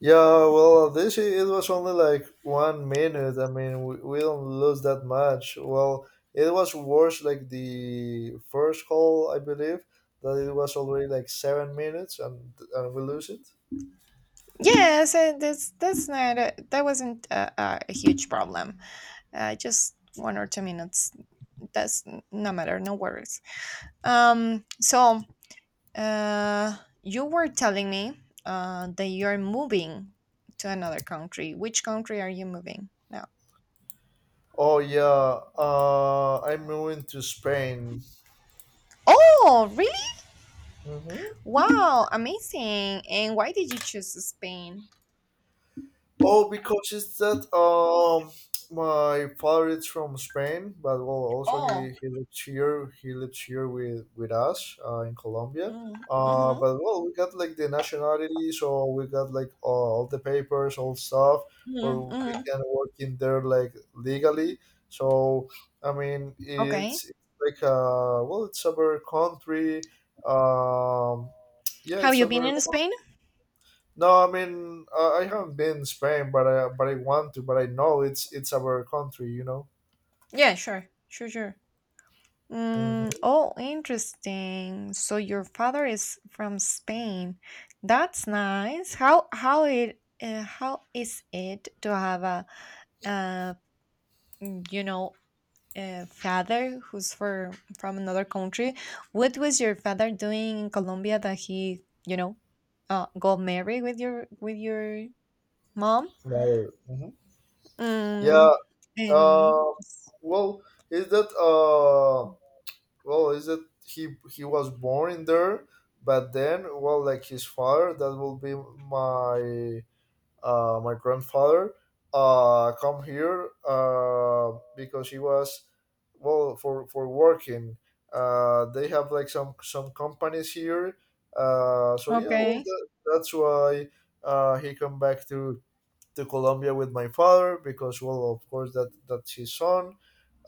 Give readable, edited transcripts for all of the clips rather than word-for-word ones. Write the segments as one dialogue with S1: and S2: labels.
S1: Yeah, well, it was only like 1 minute. I mean, we don't lose that much. Well, it was worse like the first call, I believe, that it was already like 7 minutes and we lose it.
S2: Yeah, so that's not a, that wasn't a huge problem. Just 1 or 2 minutes. That's no matter, no worries. Um, so uh, you were telling me that you're moving to another country. Which country are you moving now?
S1: Oh yeah, I'm moving to Spain.
S2: Oh, really?
S1: Hmm.
S2: Wow, amazing! And why did you choose Spain?
S1: Oh, because it's that my father is from Spain, but well, also
S2: Oh,
S1: he lives here. He lives here with with us in Colombia.
S2: mm-hmm,
S1: But well, we got like the nationality, so we got like all the papers, all stuff, where
S2: mm-hmm,
S1: we
S2: mm-hmm,
S1: can work in there like legally. So I mean,
S2: okay.
S1: it's, it's like well, it's our country. Um, yeah,
S2: Have
S1: it's
S2: you been
S1: our...
S2: in Spain?
S1: No, I mean, I haven't been in Spain, but I want to, but I know it's our country, you know.
S2: Yeah, sure, sure, sure. Mm,
S1: Hmm.
S2: oh, interesting. So your father is from Spain. That's nice. How is it to have a uh mm, you know a father who's for from another country? What was your father doing in Colombia that he got married with your mom?
S1: Hmm. Yeah.
S2: Mm, and
S1: Uh, well, is that uh, well, is that he was born in there, but then well, like his father, that will be my my grandfather come here because she was well for working. They have like some companies here. So yeah,
S2: okay.
S1: that's why he come back to Colombia with my father because well of course that that's his son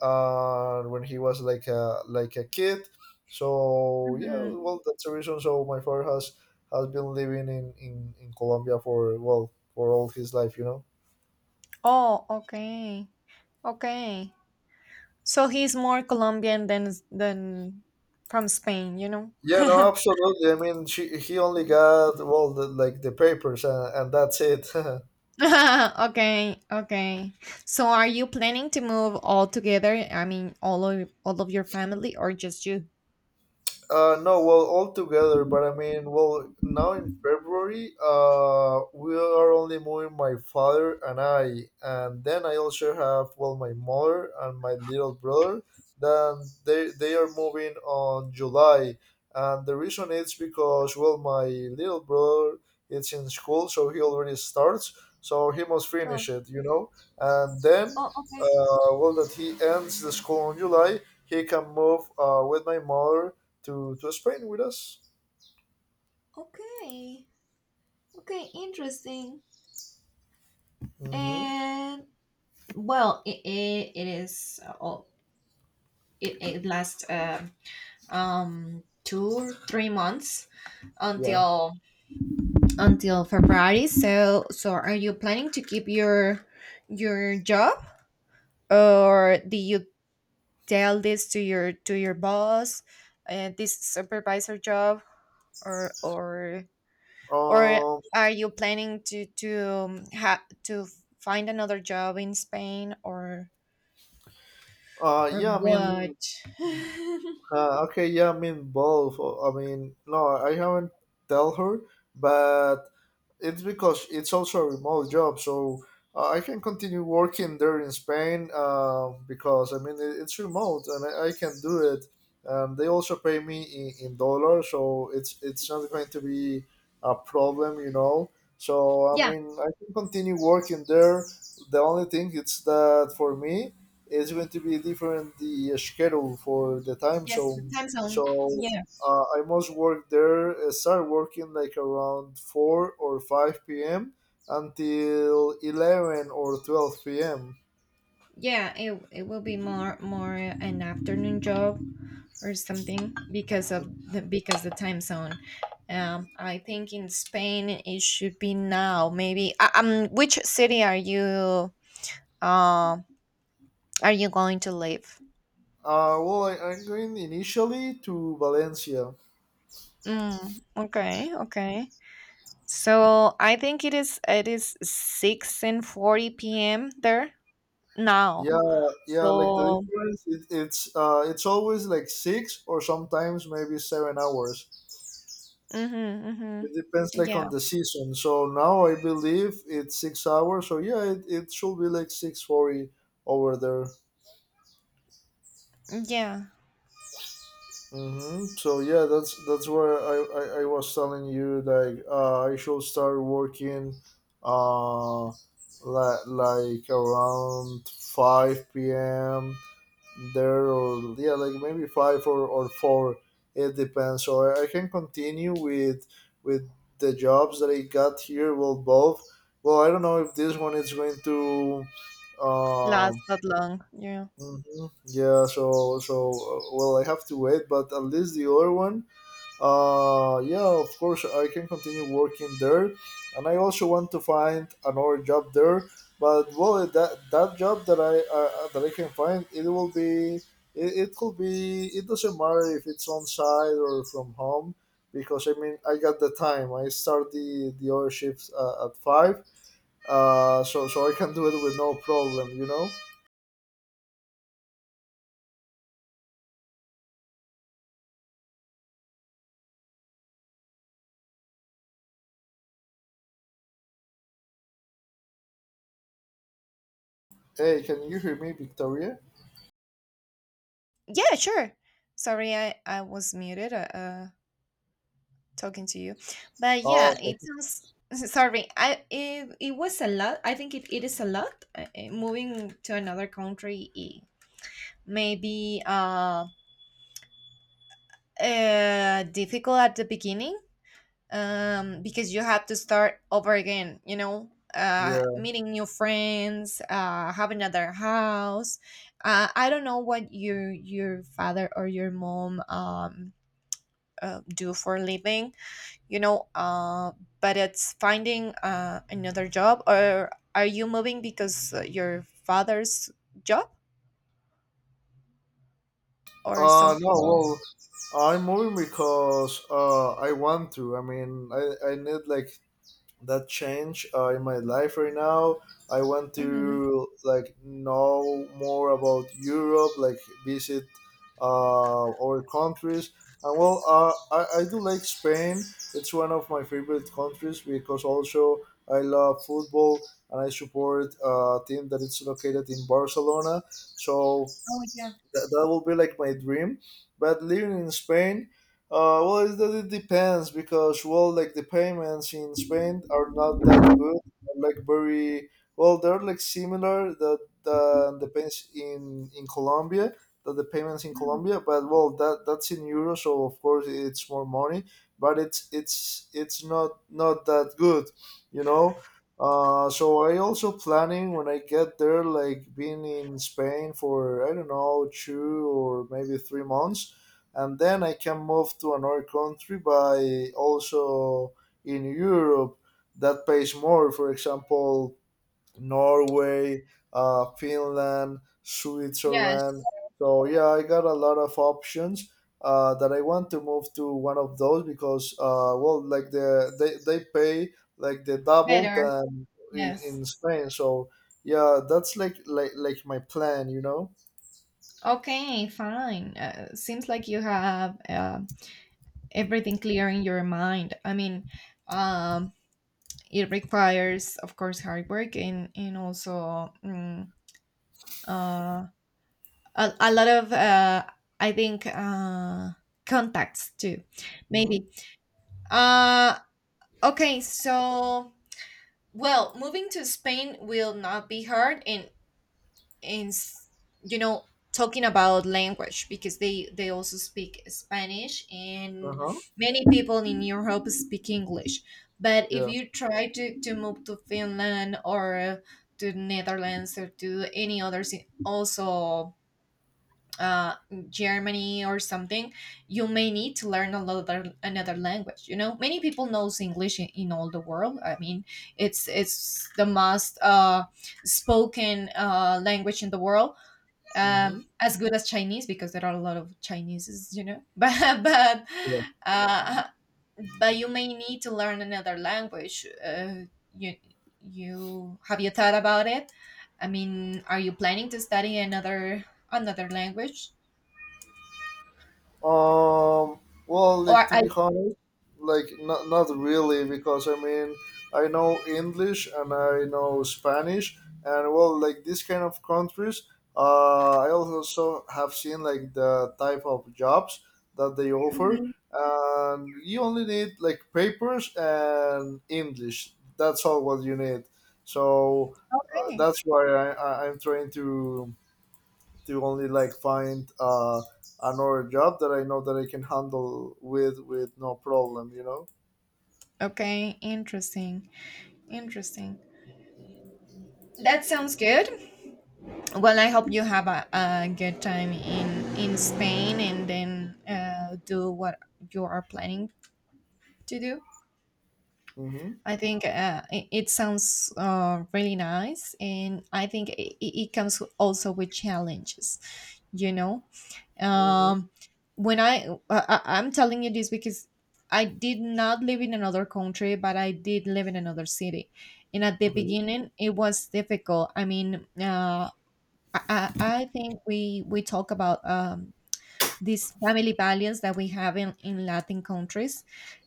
S1: when he was like a kid. So yeah,
S2: Hmm.
S1: well, that's the reason. So my father has been living in in Colombia for well for all his life, you know.
S2: Oh, okay, okay. So he's more Colombian than from Spain, you know.
S1: Yeah, no, absolutely. I mean, she he only got well the, like the papers and that's it.
S2: Okay, okay. So are you planning to move all together? I mean, all of your family or just you?
S1: No, well, all together, but I mean, well, now in February, we are only moving my father and I, and then I also have, well, my mother and my little brother. Then they are moving on July, and the reason is because, well, my little brother is in school, so he already starts, so he must finish
S2: So,
S1: it, you know, and then,
S2: oh, okay,
S1: well, that he ends the school on July, he can move with my mother to Spain with us.
S2: okay, okay, interesting.
S1: Hmm.
S2: And well, it is. Oh, it it lasts um 2 3 months
S1: Yeah.
S2: until February. So, so are you planning to keep your job, or do you tell this to your boss, this supervisor job, or or or
S1: Um.
S2: are you planning to find another job in Spain, or
S1: Yeah. I mean,
S2: what?
S1: uh, okay, yeah, I mean both. I mean, no, I haven't tell her, but it's because it's also a remote job, so I can continue working there in Spain because I mean it's remote and I can do it. They also pay me in dollars, so it's not going to be a problem, you know. So I
S2: Yeah.
S1: mean I can continue working there. The only thing it's that for me it's going to be different the schedule for the time
S2: Yes, the
S1: zone.
S2: time
S1: So
S2: zone. Yeah.
S1: I must work there, start working like around 4 or 5 p.m. until 11 or 12 p.m.
S2: Yeah, it will be more an afternoon job or something because of the because the time zone. Um, I think in Spain it should be now maybe which city uh are you going to live?
S1: Well, I'm going initially to Valencia.
S2: Mm, okay, okay. So I think it is 6:40 p.m. there now.
S1: Yeah, yeah, like the
S2: So
S1: difference, it's it's always like six or sometimes maybe 7 hours.
S2: mm-hmm,
S1: It depends
S2: mm-hmm,
S1: like
S2: yeah,
S1: on the season. So now I believe it's 6 hours. So yeah, it should be like 6:40 over there.
S2: yeah,
S1: Hmm. So yeah, that's where I was telling you like I should start working uh like around five p.m. there. Or yeah, like maybe five or four. It depends, so I can continue with the jobs that I got here, well, both. Well, I don't know if this one is going to... um
S2: lasts that long, yeah.
S1: mhm, yeah, so so well, I have to wait, but at least the other one, yeah, of course I can continue working there. And I also want to find another job there. But well, that job that I that I can find, it will be... It could be, it doesn't matter if it's on site or from home, because I mean I got the time. I start the other shifts at five. So so I can do it with no problem, you know. Hey, can you hear me, Victoria?
S2: Yeah, sure. Sorry, I was muted talking to you. But yeah,
S1: Oh,
S2: it
S1: okay,
S2: sounds. Sorry, I it, it was a lot. I think it is a lot. Moving to another country may be difficult at the beginning, because you have to start over again, you know,
S1: yeah.
S2: meeting new friends, having another house. I don't know what your father or your mom do for a living, you know, but it's finding another job, or are you moving because your father's job or some?
S1: No,
S2: Or,
S1: well, I'm moving because I want to. I mean, I need like that change in my life right now. I want
S2: mhm.
S1: to like know more about Europe, like visit other countries. And well, I do like Spain. It's one of my favorite countries because also I love football and I support a team that is located in Barcelona. So
S2: Oh yeah.
S1: that will be like my dream. But living in Spain, well, it depends because well, like the payments in Spain are not that good. They're, like very... well, they're like similar that the payments in in Colombia, that the payments in
S2: Mm.
S1: Colombia. But well, that that's in euros, so of course it's more money. But it's not not that good, you know. So I also planning when I get there, like being in Spain for I don't know two or maybe 3 months, and then I can move to another country by also in Europe that pays more. For example, Norway, Finland, Switzerland.
S2: Yes.
S1: So yeah, I got a lot of options that I want to move to one of those because well, like they pay like the double
S2: Better.
S1: than
S2: Yes.
S1: in Spain. So yeah, that's like like my plan, you know.
S2: Okay, fine. Seems like you have everything clear in your mind. I mean, um, it requires, of course, hard work and also uh, a lot of I think contacts too
S1: Mm-hmm.
S2: maybe, uh, okay. So well, moving to Spain will not be hard in s- you know, talking about language because they also speak Spanish,
S1: Uh
S2: and
S1: huh.
S2: many people in Europe speak English. But if
S1: Yeah.
S2: you try to move to Finland or to Netherlands or to any others, also, uh, Germany or something, you may need to learn another language. You know, many people knows English in all the world. I mean, it's the most spoken language in the world.
S1: Mm-hmm.
S2: Um, as good as Chinese because there are a lot of Chineses, you know. But uh, but you may need to learn another language. You you have you thought about it? I mean, are you planning to study another language?
S1: Um, well, like
S2: Or
S1: to
S2: I,
S1: be honest, like not not really because I mean I know English and I know Spanish and well like these kind of countries. I also have seen like the type of jobs that they offer,
S2: mhm,
S1: and you only need like papers and English. That's all what you need. So
S2: okay.
S1: that's why I'm trying to only like find another job that I know that I can handle with no problem. You know.
S2: Okay, interesting. Interesting. That sounds good. Well, I hope you have a good time in Spain, and then do what you are planning to do.
S1: Mhm.
S2: I think it sounds really nice, and I think it comes also with challenges, you know.
S1: Mhm.
S2: um when I'm telling you this because I did not live in another country, but I did live in another city. And at the
S1: Okay.
S2: beginning it was difficult. I think we talk about, um, these family values that we have in Latin countries.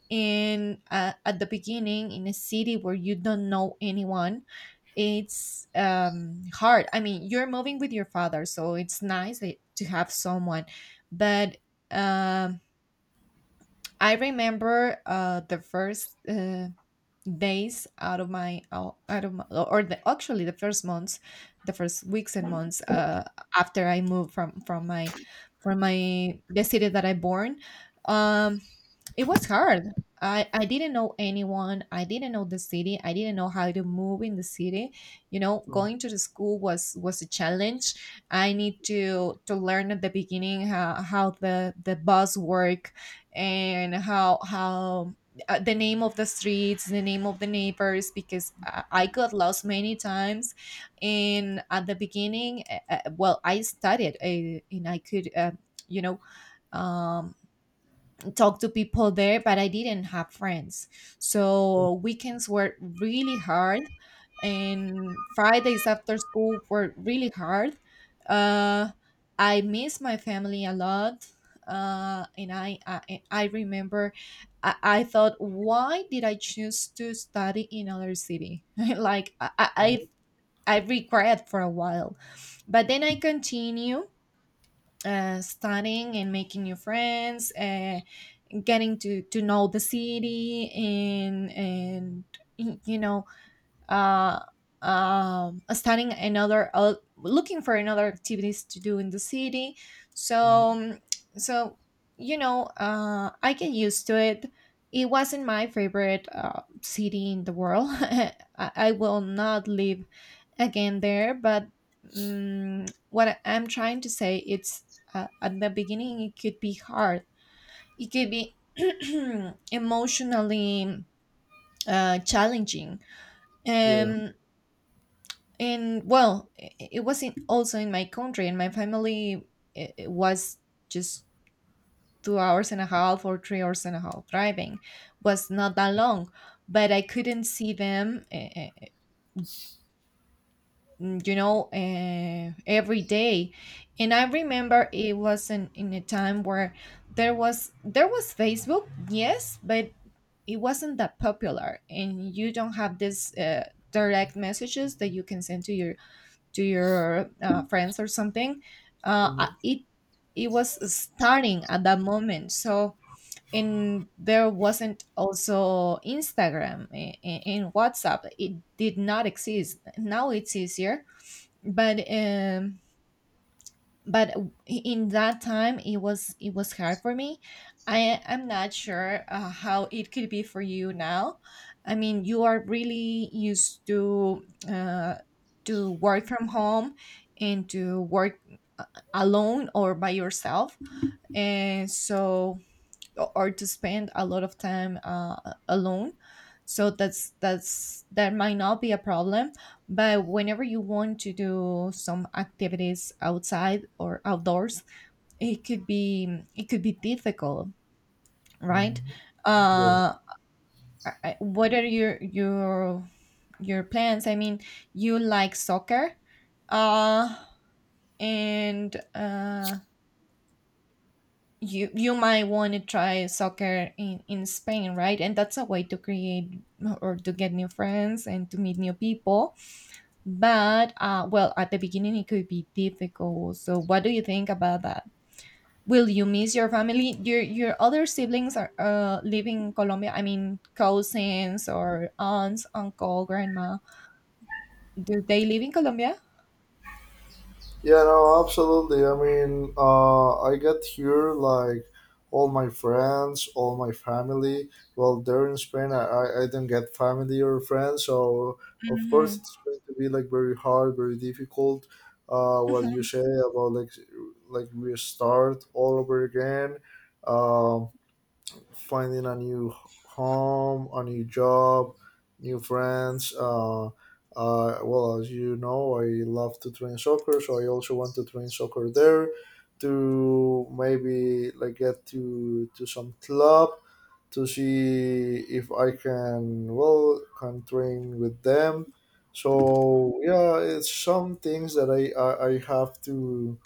S2: In, at the beginning, in a city where you don't know anyone, it's, um, hard. I mean, you're moving with your father, so it's nice to have someone. But, um, I remember, the first, days out of my, or the actually the first months, the first weeks and months, after I moved from my the city that I born. Um, it was hard. I didn't know anyone. I didn't know the city. I didn't know how to move in the city. You know,
S1: Mhm.
S2: going to the school was a challenge. I need to learn at the beginning how the bus work, and how the name of the streets, the name of the neighbors, because I got lost many times. And at the beginning, well, I studied, and I could, you know, um, talk to people there, but I didn't have friends. So weekends were really hard, and Fridays after school were really hard. Uh, I miss my family a lot. I remember I thought, why did I choose to study in another city? Like, I
S1: Mhm.
S2: I regret for a while, but then I continue, studying and making new friends. Getting to know the city, and you know, uh studying another looking for another activities to do in the city. So,
S1: Mhm.
S2: um, so you know, I get used to it. It wasn't my favorite city in the world. I will not live again there. But, what I'm trying to say, it's, at the beginning it could be hard. It could be emotionally, challenging.
S1: Yeah.
S2: Um, and well, it was in, also in my country, and my family, it was just 2 hours and a half or 3 hours and a half driving. Was not that long. But I couldn't see them, you know, every day. And I remember it was in a time where there was Facebook, yes, but it wasn't that popular, and you don't have this, direct messages that you can send to your to your, friends or something.
S1: Mhm.
S2: It it was starting at that moment. So, and there wasn't also Instagram, in WhatsApp it did not exist. Now it's easier, but, but in that time it was hard for me. I I'm not sure, how it could be for you now. I mean, you are really used to, uh, to work from home, and to work, uh, alone or by yourself, and so, or to spend a lot of time, alone. So that's that might not be a problem. But whenever you want to do some activities outside or outdoors, it could be difficult, right?
S1: Mhm. Yeah.
S2: uh what are your your plans? I mean, you like soccer, uh and you you might want to try soccer in Spain, right? And that's a way to create or to get new friends and to meet new people. But, well, at the beginning it could be difficult. So what do you think about that? Will you miss your family? Your other siblings are, living in Colombia. I mean, cousins or aunts, uncle, grandma. Do they live in Colombia?
S1: Yeah, no, absolutely. I mean, I get here like all my friends, all my family. Well, there in Spain, I don't get family or friends, so of
S2: Mm-hmm.
S1: course it's going to be like very hard, very difficult. What you
S2: Mm-hmm.
S1: say about like restart all over again. Um, finding a new home, a new job, new friends. Well, as you know, I love to train soccer, so I also want to train soccer there to maybe like get to some club to see if I can well can train with them. So yeah, it's some things that I have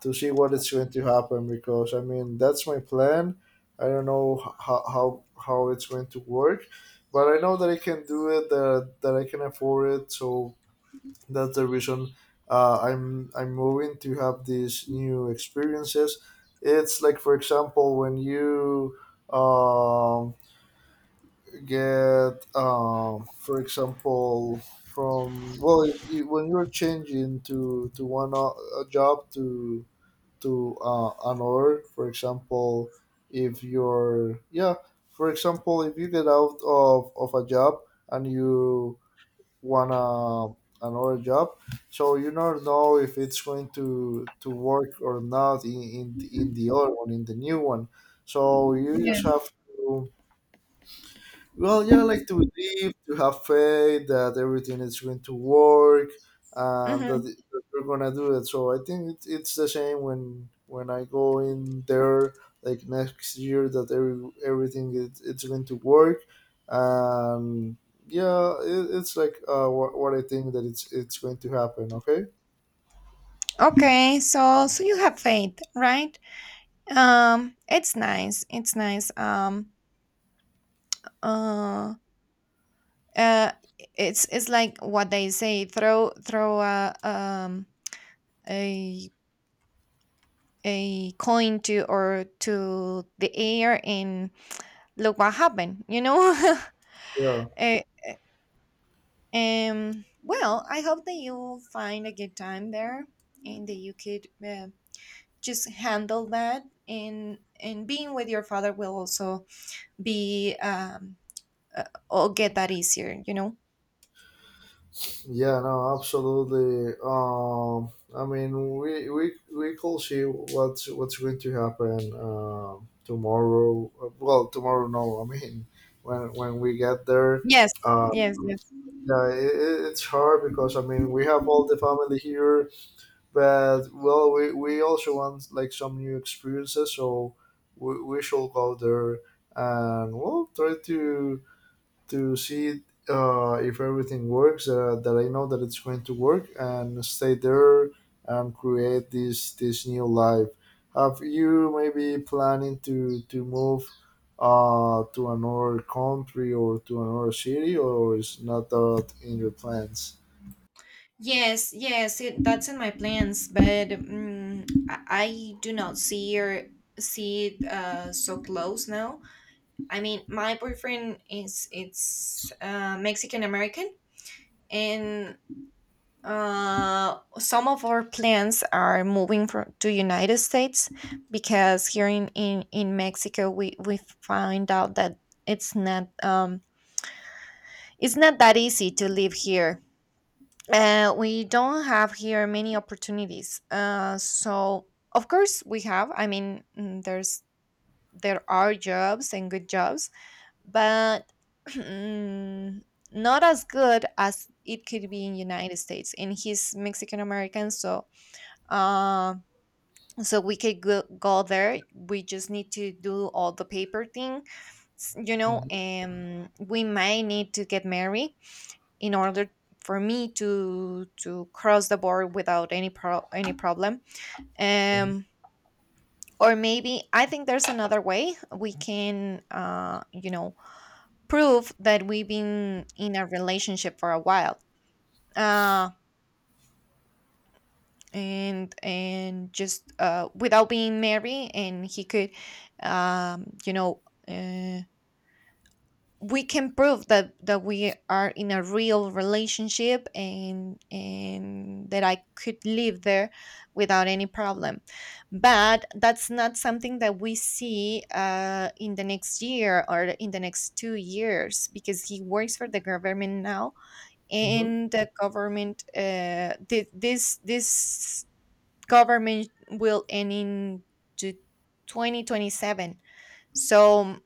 S1: to see what is going to happen because I mean that's my plan. I don't know how how it's going to work, but I know that I can do it. That that I can afford it. So that's the reason I'm moving to have these new experiences. It's like for example when you um, get for example from well when you're changing to a job to an order. For example, if you're yeah, for example, if you get out of a job and you want a, another job, so you don't know if it's going to work or not in, in the other one, in the new one. So you just
S2: Yes.
S1: have to well, yeah, I like to believe, to have faith that everything is going to work and that,
S2: Hmm.
S1: that we're gonna do it. So I think it's the same when I go in there like next year that everything is it's going to work. Um, yeah, it's like what I think that it's going to happen. Okay.
S2: Okay, so so you have faith, right? It's nice. It's nice. Uh, uh, it's like what they say: throw a, um, a coin to or to the air and look what happened. You know.
S1: Yeah.
S2: uh, Well, I hope that you find a good time there, and that you could, just handle that. And being with your father will also be, uh, or get that easier. You know.
S1: Yeah, no, absolutely. I mean, we could see what's going to happen tomorrow. Well, tomorrow, no. I mean, when we get there,
S2: Yes,
S1: uh,
S2: yes, yes.
S1: yeah, it's hard because I mean we have all the family here, but well, we also want like some new experiences, so we shall go there and we try to see if everything works that I know that it's going to work and stay there and create this new life. Have you maybe planning to move to another country or to another city, or is not that in your plans?
S2: Yes, yes, that's in my plans, but mm, I do not see or see it, so close now. I mean, my boyfriend is it's Mexican American, and, some of our plans are moving from to United States, because here in Mexico we find out that it's not um it's not that easy to live here. We don't have here many opportunities. So of course we have. I mean, mm, there are jobs and good jobs, but mm, not as good as it could be in United States. And he's Mexican American, so, uh, so we could go, go there. We just need to do all the paper thing, you know.
S1: Hmm.
S2: And we might need to get married in order for me to cross the board without any problem.
S1: Hmm.
S2: um or maybe I think there's another way we can prove that we've been in a relationship for a while. uh and just without being married, and he could um you know uh, we can prove that we are in a real relationship, and that I could live there without any problem. But that's not something that we see in the next year or in the next 2 years, because he works for the government now, and the government thi- this government will end in to 2027. So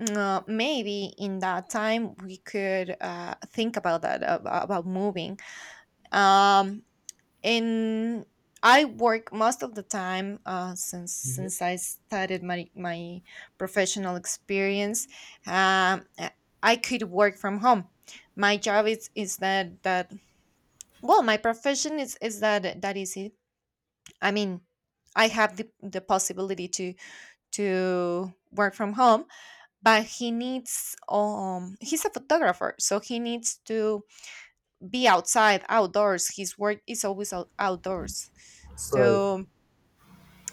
S2: maybe in that time we could think about about moving. Um, and I work most of the time uh, since
S1: Hmm.
S2: since I started my professional experience. Um, uh, I could work from home. My job is that that well, my profession is that that is I mean, I have the possibility to work from home, but he needs he's a photographer, so he needs to be outside, outdoors. His work is always outdoors.
S1: Right.
S2: So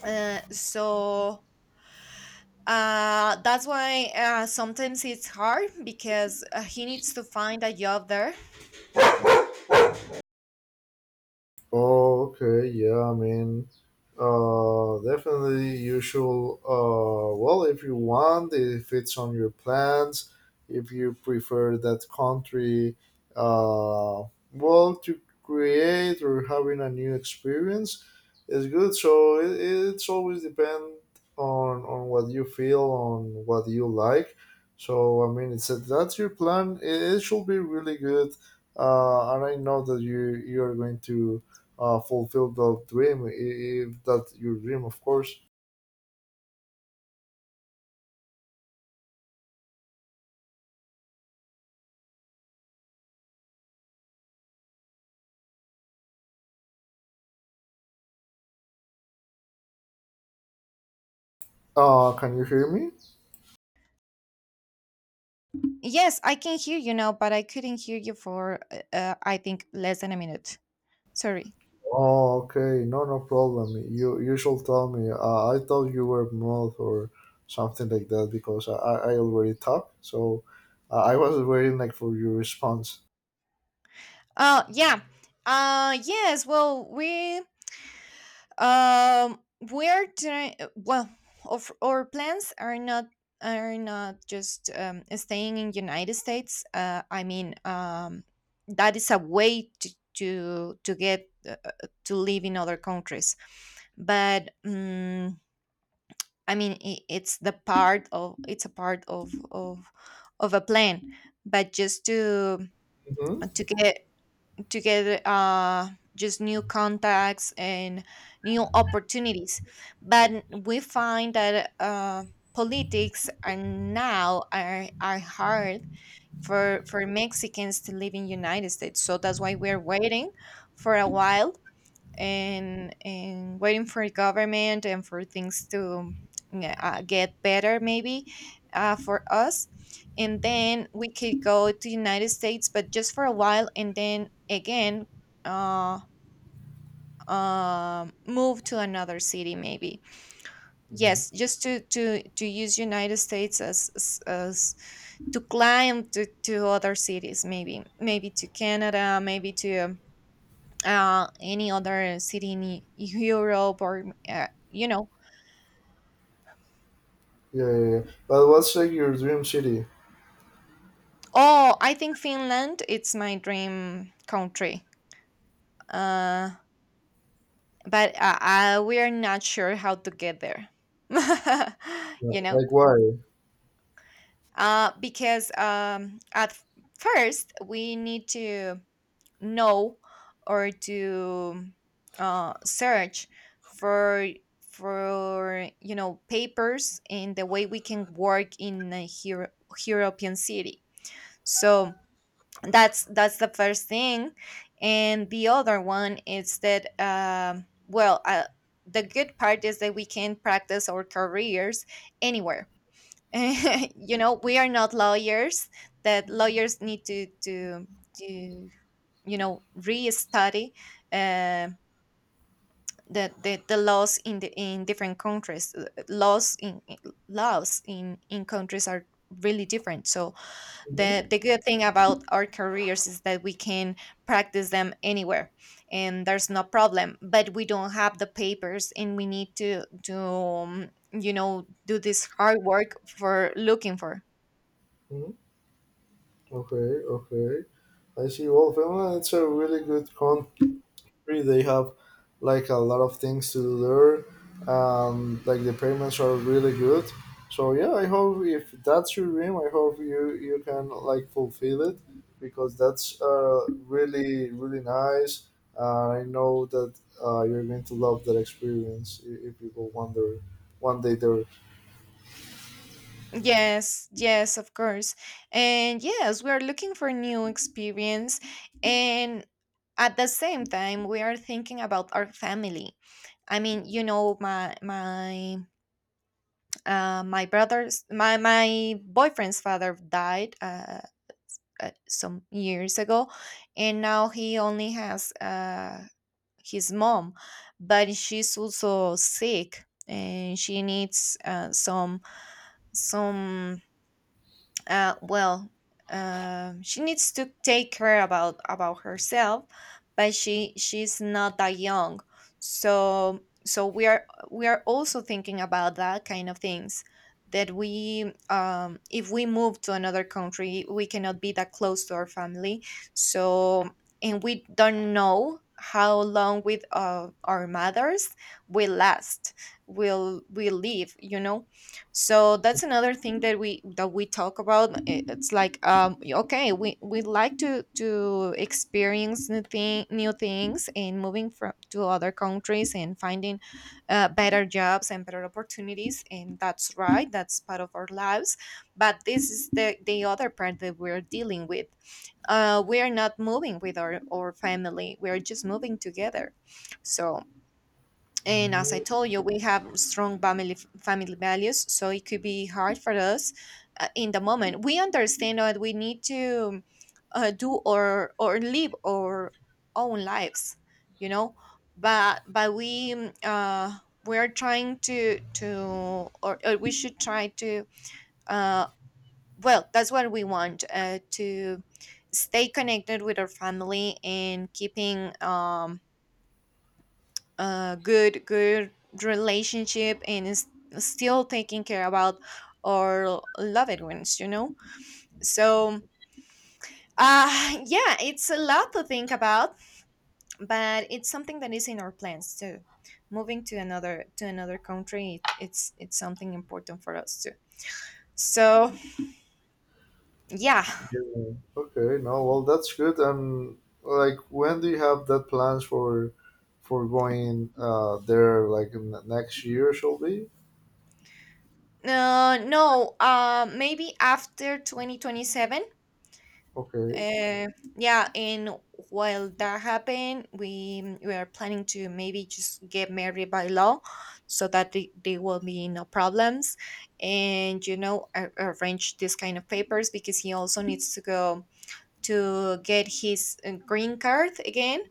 S2: uh, so that's why sometimes it's hard because he needs to find a job there.
S1: Okay, yeah, I mean, definitely you should. Well, if you want, if it's on your plans, if you prefer that country, uh, well, to create or having a new experience is good. So it's always depend on what you feel, on what you like. So I mean, it's that's your plan. It should be really good, and I know that you are going to fulfill that dream, if that's your dream, of course. Can you hear me?
S2: Yes, I can hear you now, but I couldn't hear you for I think less than a minute. Sorry.
S1: Oh, okay, no, no problem. You should tell me. I thought you were mute or something like that because I already talked, so I was waiting like for your response.
S2: Uh, yeah. Yes. Um we're trying. Well, of our plans are not just staying in United States. I mean, that is a way to get to live in other countries. But I mean, I it's the part of it's a part of a plan. But just
S1: Mm-hmm.
S2: to get to get just new contacts and new opportunities. But we find that politics are now are hard for Mexicans to live in United States. So that's why we're waiting for a while, and waiting for government and for things to yeah, get better, maybe for us, and then we could go to the united states, but just for a while, and then again uh, move to another city maybe.
S1: Hmm.
S2: Yes, just to use united states as to climb to other cities, maybe maybe to canada, maybe to any other city in Europe, or you know.
S1: Yeah, yeah, yeah. But what's like your dream city?
S2: Oh, I think Finland. It's my dream country. Uh, but We are not sure how to get there.
S1: Yeah,
S2: You know,
S1: like why?
S2: because at first we need to know or to search for you know papers in the way we can work in a European city. So that's the first thing, and the other one is that the good part is that we can practice our careers anywhere. You know, we are not lawyers. That lawyers need to you know re-study uh, the, the laws in the in different countries. Laws in laws in countries are really different, so the
S1: Mm-hmm.
S2: the good thing about our careers is that we can practice them anywhere, and there's no problem, but we don't have the papers, and we need to you know do this hard work for looking for.
S1: Mm-hmm. Okay, okay. I see. Well, Finland, it's a really good country. History. They have like a lot of things to learn. Like the payments are really good. So yeah, I hope if that's your dream, I hope you can like fulfill it because that's really really nice. I know that you're going to love that experience if you go one there one day
S2: Yes, yes, of course. And yes, we are looking for new experience, and at the same time we are thinking about our family. I mean, you know, my my brother's my my boyfriend's father died some years ago, and now he only has his mom, but she's also sick, and she needs some Uh, well, she needs to take care about herself, but she she's not that young, so so we are also thinking about that kind of things, that we if we move to another country we cannot be that close to our family, so and we don't know how long with our mothers will last will live, you know. So that's another thing that we talk about. It's like um, okay, we like to experience new things, and moving from to other countries, and finding better jobs and better opportunities, and that's right, that's part of our lives. But this is the other part that we're dealing with. Uh, we are not moving with our family, we are just moving together. So, and as I
S1: there.
S2: told you, we have strong family values, so it could be hard for us in the moment. We understand that we need to do or live our own lives, you know. But we we're trying to or we should try to uh, well, that's what we want, to stay connected with our family, and keeping a good relationship, and is still taking care about our loved ones, you know. So yeah, it's a lot to think about, but it's something that is in our plans too. Moving to another country, it, it's something important for us too. So yeah.
S1: Yeah. Okay. No. Well, that's good. And like, when do you have that plans for going there? Like in the next year, shall be.
S2: No, uh, maybe after 2027.
S1: Okay.
S2: Uh, yeah, and while that happened, we are planning to maybe just get married by law, so that they will be no problems, and you know arrange this kind of papers, because he also needs to go to get his green card again.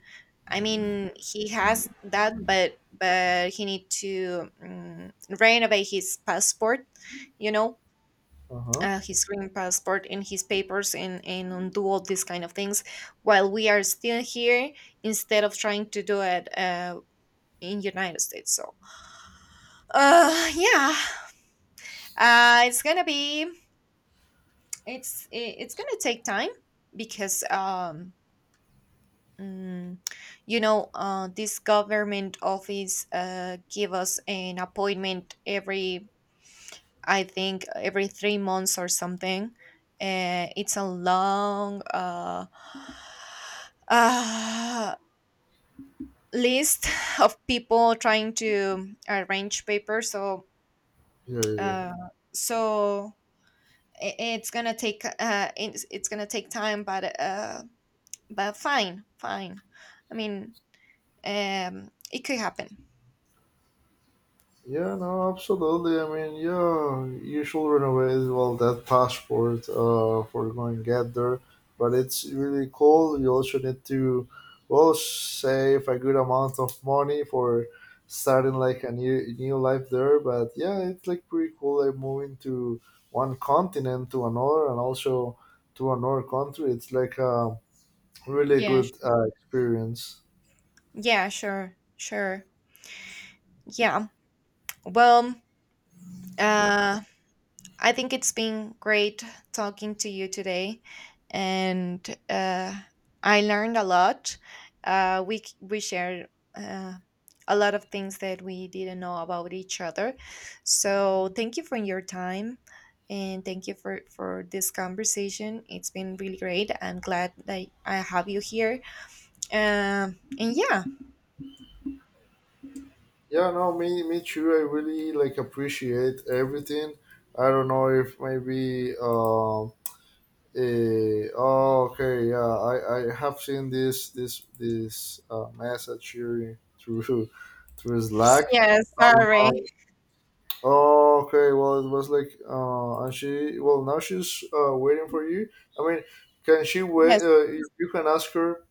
S2: I mean, he has that, but he need to renovate his passport, you know,
S1: Uh huh.
S2: his green passport and his papers, and undo all these kind of things while we are still here, instead of trying to do it in united states. So uh, yeah it's gonna be it's gonna take time, because mm, you know this government office give us an appointment every I think every 3 months or something. It's a long uh, list of people trying to arrange papers. So,
S1: Yeah. Yeah.
S2: uh, so I- it's gonna take it's gonna take time, but fine. I mean, it could happen.
S1: Yeah, no, absolutely. I mean, yeah, you should run renovate well that passport for going get there, but it's really cool. You also need to, well, save a good amount of money for starting like a new new life there. But yeah, it's like pretty cool. Like moving to one continent to another, and also to another country. It's like a really
S2: Yeah,
S1: good
S2: sure.
S1: experience.
S2: Yeah, sure, sure. Yeah. Well, uh, I think it's been great talking to you today, and uh, I learned a lot. We shared uh, a lot of things that we didn't know about each other. So thank you for your time, and thank you for this conversation. It's been really great. I'm glad that I have you here. And yeah,
S1: Yeah, no, me too. I really like appreciate everything. I don't know if maybe eh, oh okay yeah I have seen this message here through through Slack.
S2: yes,
S1: Um, uh,
S2: sorry,
S1: oh okay, well it was like and she well now she's waiting for you. I mean, can she wait?
S2: yes,
S1: You can ask her.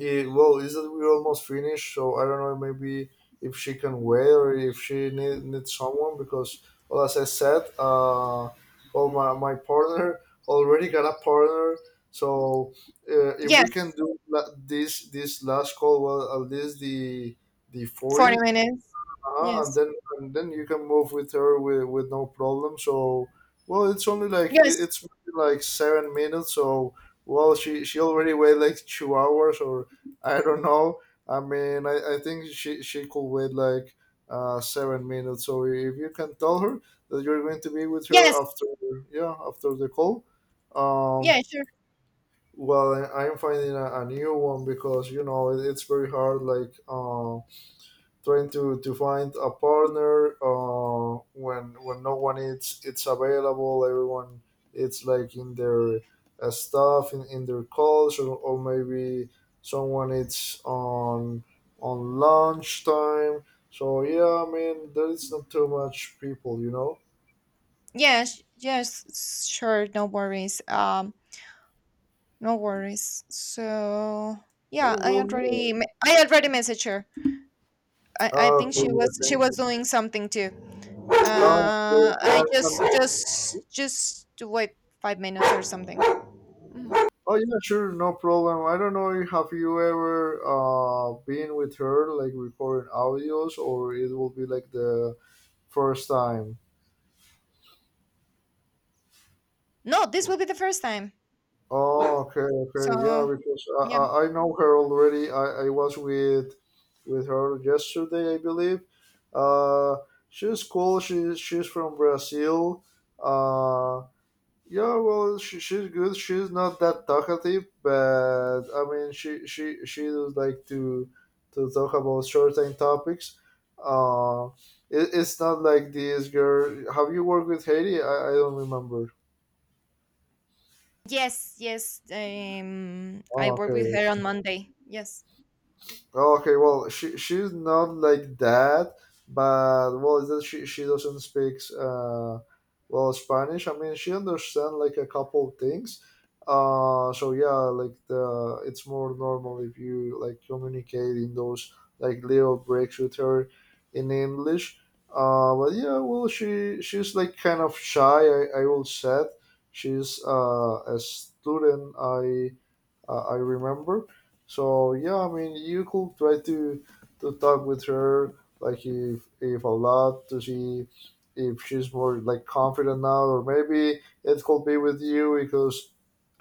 S1: Eh, well, is that we're almost finished, so I don't know maybe if she can wait or if she needs someone because, well, as I said, well, my partner already got a partner, so if we can
S2: yes,
S1: do this last call, well, at least the
S2: forty
S1: 40,
S2: minutes,
S1: uh, and
S2: yes,
S1: then and then you can move with her with no problem. So well, it's only like
S2: yes,
S1: it's maybe like 7 minutes. So well, she already wait like 2 hours or I don't know. I mean, I think she could wait like 7 minutes. So if you can tell her that you're going to be with her
S2: yes,
S1: after yeah after the call, um.
S2: yeah, sure.
S1: Well, I'm finding a new one because you know it's very hard. Like, trying to find a partner when no one is it's available everyone it's like in their stuff in their calls or maybe someone it's on lunch time so yeah I mean there is not too much people you know.
S2: Yes, yes, sure, no worries. No worries. So yeah,
S1: Oh well yeah.
S2: I already messaged her. I
S1: Ah,
S2: think
S1: okay yeah
S2: she
S1: thank you.
S2: was doing something too.
S1: Oh,
S2: I
S1: okay.
S2: just to wait 5 minutes or something. Mhm.
S1: Oh yeah, sure, no problem. I don't know. Have you ever been with her, like recording audios, or it will be like the first time?
S2: No, this will be the first time.
S1: Oh, okay,
S2: So
S1: okay, yeah. Because
S2: yeah,
S1: I know her already. I was with her yesterday, I believe. Uh, she's cool. She's from Brazil. Uh, Yeah, well, she's good. She's not that talkative, but I mean, she does like to talk about certain topics. Uh, it's not like this girl. Have you worked with Haiti? I don't remember.
S2: yes, yes. I
S1: Oh,
S2: work with
S1: okay.
S2: her on Monday. Yes.
S1: Okay, well, she's not like that, but well, is that she doesn't speak well Spanish. I mean, she understands like a couple things. So yeah, like the it's more normal if you like communicate in those like little breaks with her in English. But yeah, well, she's like kind of shy. I will say she's a student. I remember. So yeah, I mean, you could try to talk with her like if allowed to see if she's more like confident now, or maybe it could be with you because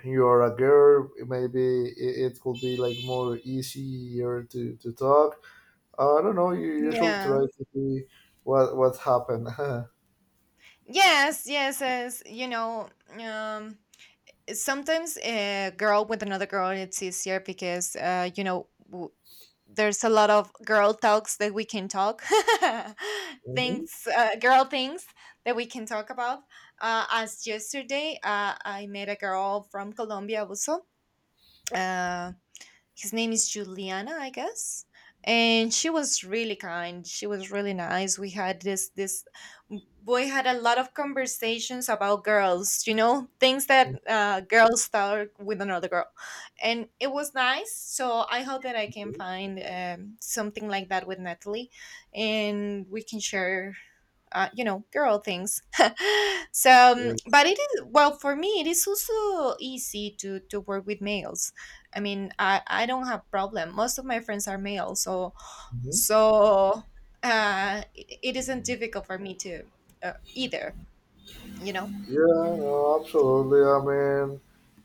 S1: you're a girl. Maybe it could be like more easier to talk. I don't know. You should
S2: Yeah.
S1: try to see what happened.
S2: Yes, yes, yes. You know, um sometimes a girl with another girl, it's easier because you know there's a lot of girl talks that we can talk
S1: Mhm.
S2: things girl things that we can talk about. As yesterday I met a girl from colombia also. um his name is Juliana, I guess. And she was really kind. She was really nice. We had this this we had a lot of conversations about girls, you know, things that girls start with another girl, and it was nice. So I hope that I can
S1: Mhm.
S2: find something like that with Natalie, and we can share you know girl things. So
S1: Yes.
S2: but it is, well, for me it is also easy to work with males. I mean, I don't have problem, most of my friends are male, so
S1: Mm-hmm.
S2: so it, it isn't difficult for me to either, you know.
S1: Yeah, no, absolutely. I mean,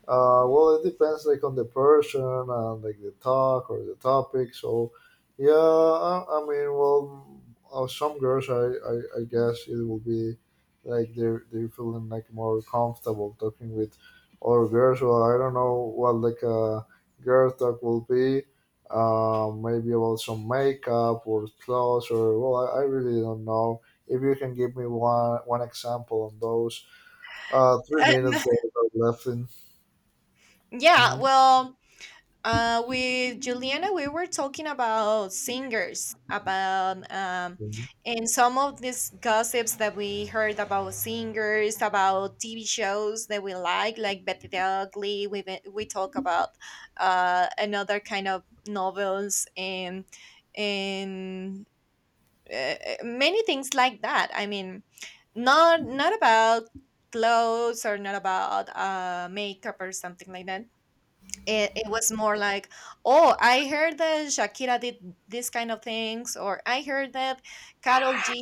S1: well, it depends like on the person and like the talk or the topic. So, yeah, I mean, well, some girls, I guess it will be like they're feeling like more comfortable talking with other girls. Well, I don't know what like a girl talk will be. Maybe about some makeup or clothes or well, I really don't know. If you can give me one one example on those 3 minutes left in.
S2: Yeah,
S1: Hmm.
S2: well, with Juliana, we were talking about singers, about and some of these gossips that we heard about singers, about TV shows that we like Betty the Ugly. We talk about another kind of novels, and uh, uh, many things like that. I mean, not about clothes, or not about makeup or something like that. It was more like, oh, I heard that shakira did this kind of things, or I heard that carol g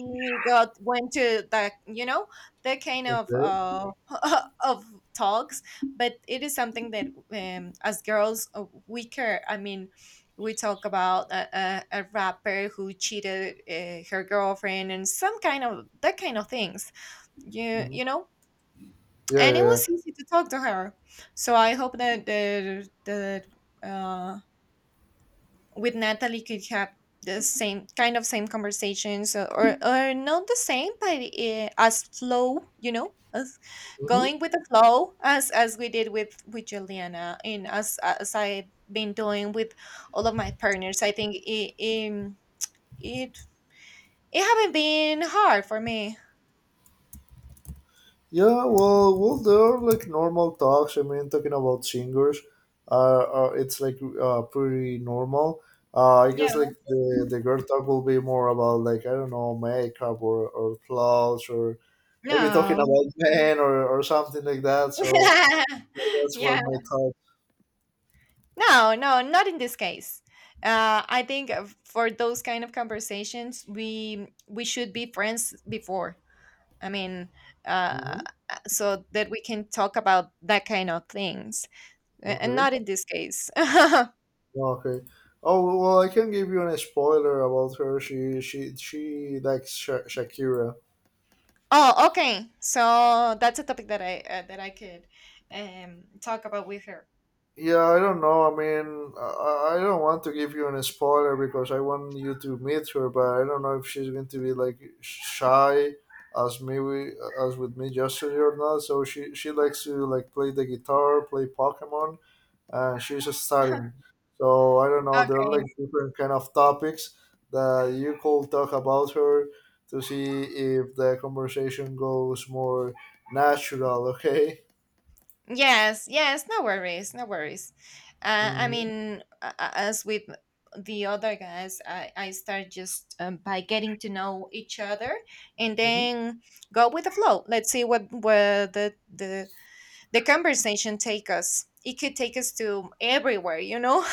S2: got went to that, you know, that kind of
S1: Okay.
S2: of talks. But it is something that as girls we care. I mean, we talk about a rapper who cheated her girlfriend, and some kind of that kind of things, you
S1: Hmm.
S2: you know.
S1: Yeah, yeah.
S2: And it
S1: Yeah.
S2: was easy to talk to her. So I hope that that uh, with Natalie could have the same kind of same conversations, or not the same, but as flow, you know, as
S1: Mm-hmm.
S2: going with the flow, as we did with Juliana, and as I've been doing with all of my partners. I think it, it haven't been hard for me.
S1: Yeah. Well, well, there are like normal talks. I mean, talking about singers, uh, it's like pretty normal. I
S2: Yeah.
S1: guess like the girl talk will be more about like I don't know makeup or clothes or maybe talking
S2: No.
S1: about men or something like that. So yeah, that's
S2: Yeah.
S1: what my talk.
S2: No, no, not in this case. I think for those kind of conversations, we should be friends before. I mean, uh,
S1: Mm-hmm.
S2: so that we can talk about that kind of things. A- and
S1: Okay.
S2: not in this case. Oh,
S1: Okay. Oh well, I can give you a spoiler about her. She likes Shakira.
S2: okay. So that's a topic that I could talk about with her.
S1: Yeah, I don't know. I mean, I don't want to give you a spoiler because I want you to meet her, but I don't know if she's going to be like shy as me we- as with me yesterday or not. So she likes to like play the guitar, play Pokemon, and she's studying. So I don't know. There are
S2: Okay.
S1: like different kind of topics that you could talk about her to see if the conversation goes more natural. Okay.
S2: Yes, yes, no worries, no worries. I
S1: Hmm.
S2: mean, as with the other guys, I start just by getting to know each other, and
S1: Hmm.
S2: then go with the flow. Let's see what, where the conversation take us. It could take us to everywhere, you know?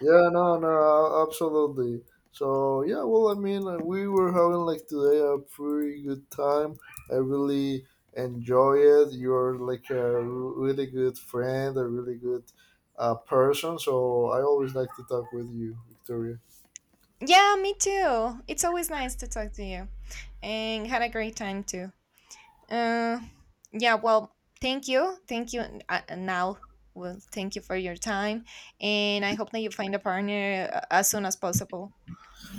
S1: Yeah. No. No. Absolutely. So yeah. Well, I mean, we were having like today a pretty good time. I really enjoy it. You're like a really good friend, a really good person. So I always like to talk with you, Victoria.
S2: Yeah, me too. It's always nice to talk to you, and had a great time too. Uh, yeah, well, thank you. Thank you. Now, well, thank you for your time. And I hope that you find a partner as soon as possible.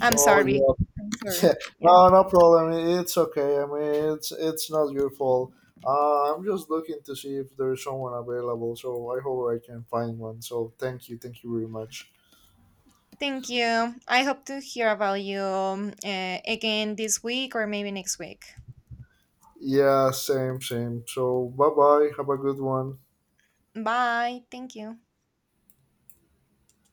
S2: I'm
S1: Oh
S2: sorry.
S1: yeah,
S2: I'm sorry. Yeah.
S1: no, no problem. It's okay. I mean, it's not your fault. I'm just looking to see if there's someone available, so I hope I can find one. So thank you very much.
S2: Thank you. I hope to hear about you again this week or maybe next week.
S1: Yeah, same, same. So bye bye. Have a good one.
S2: Bye. Thank you.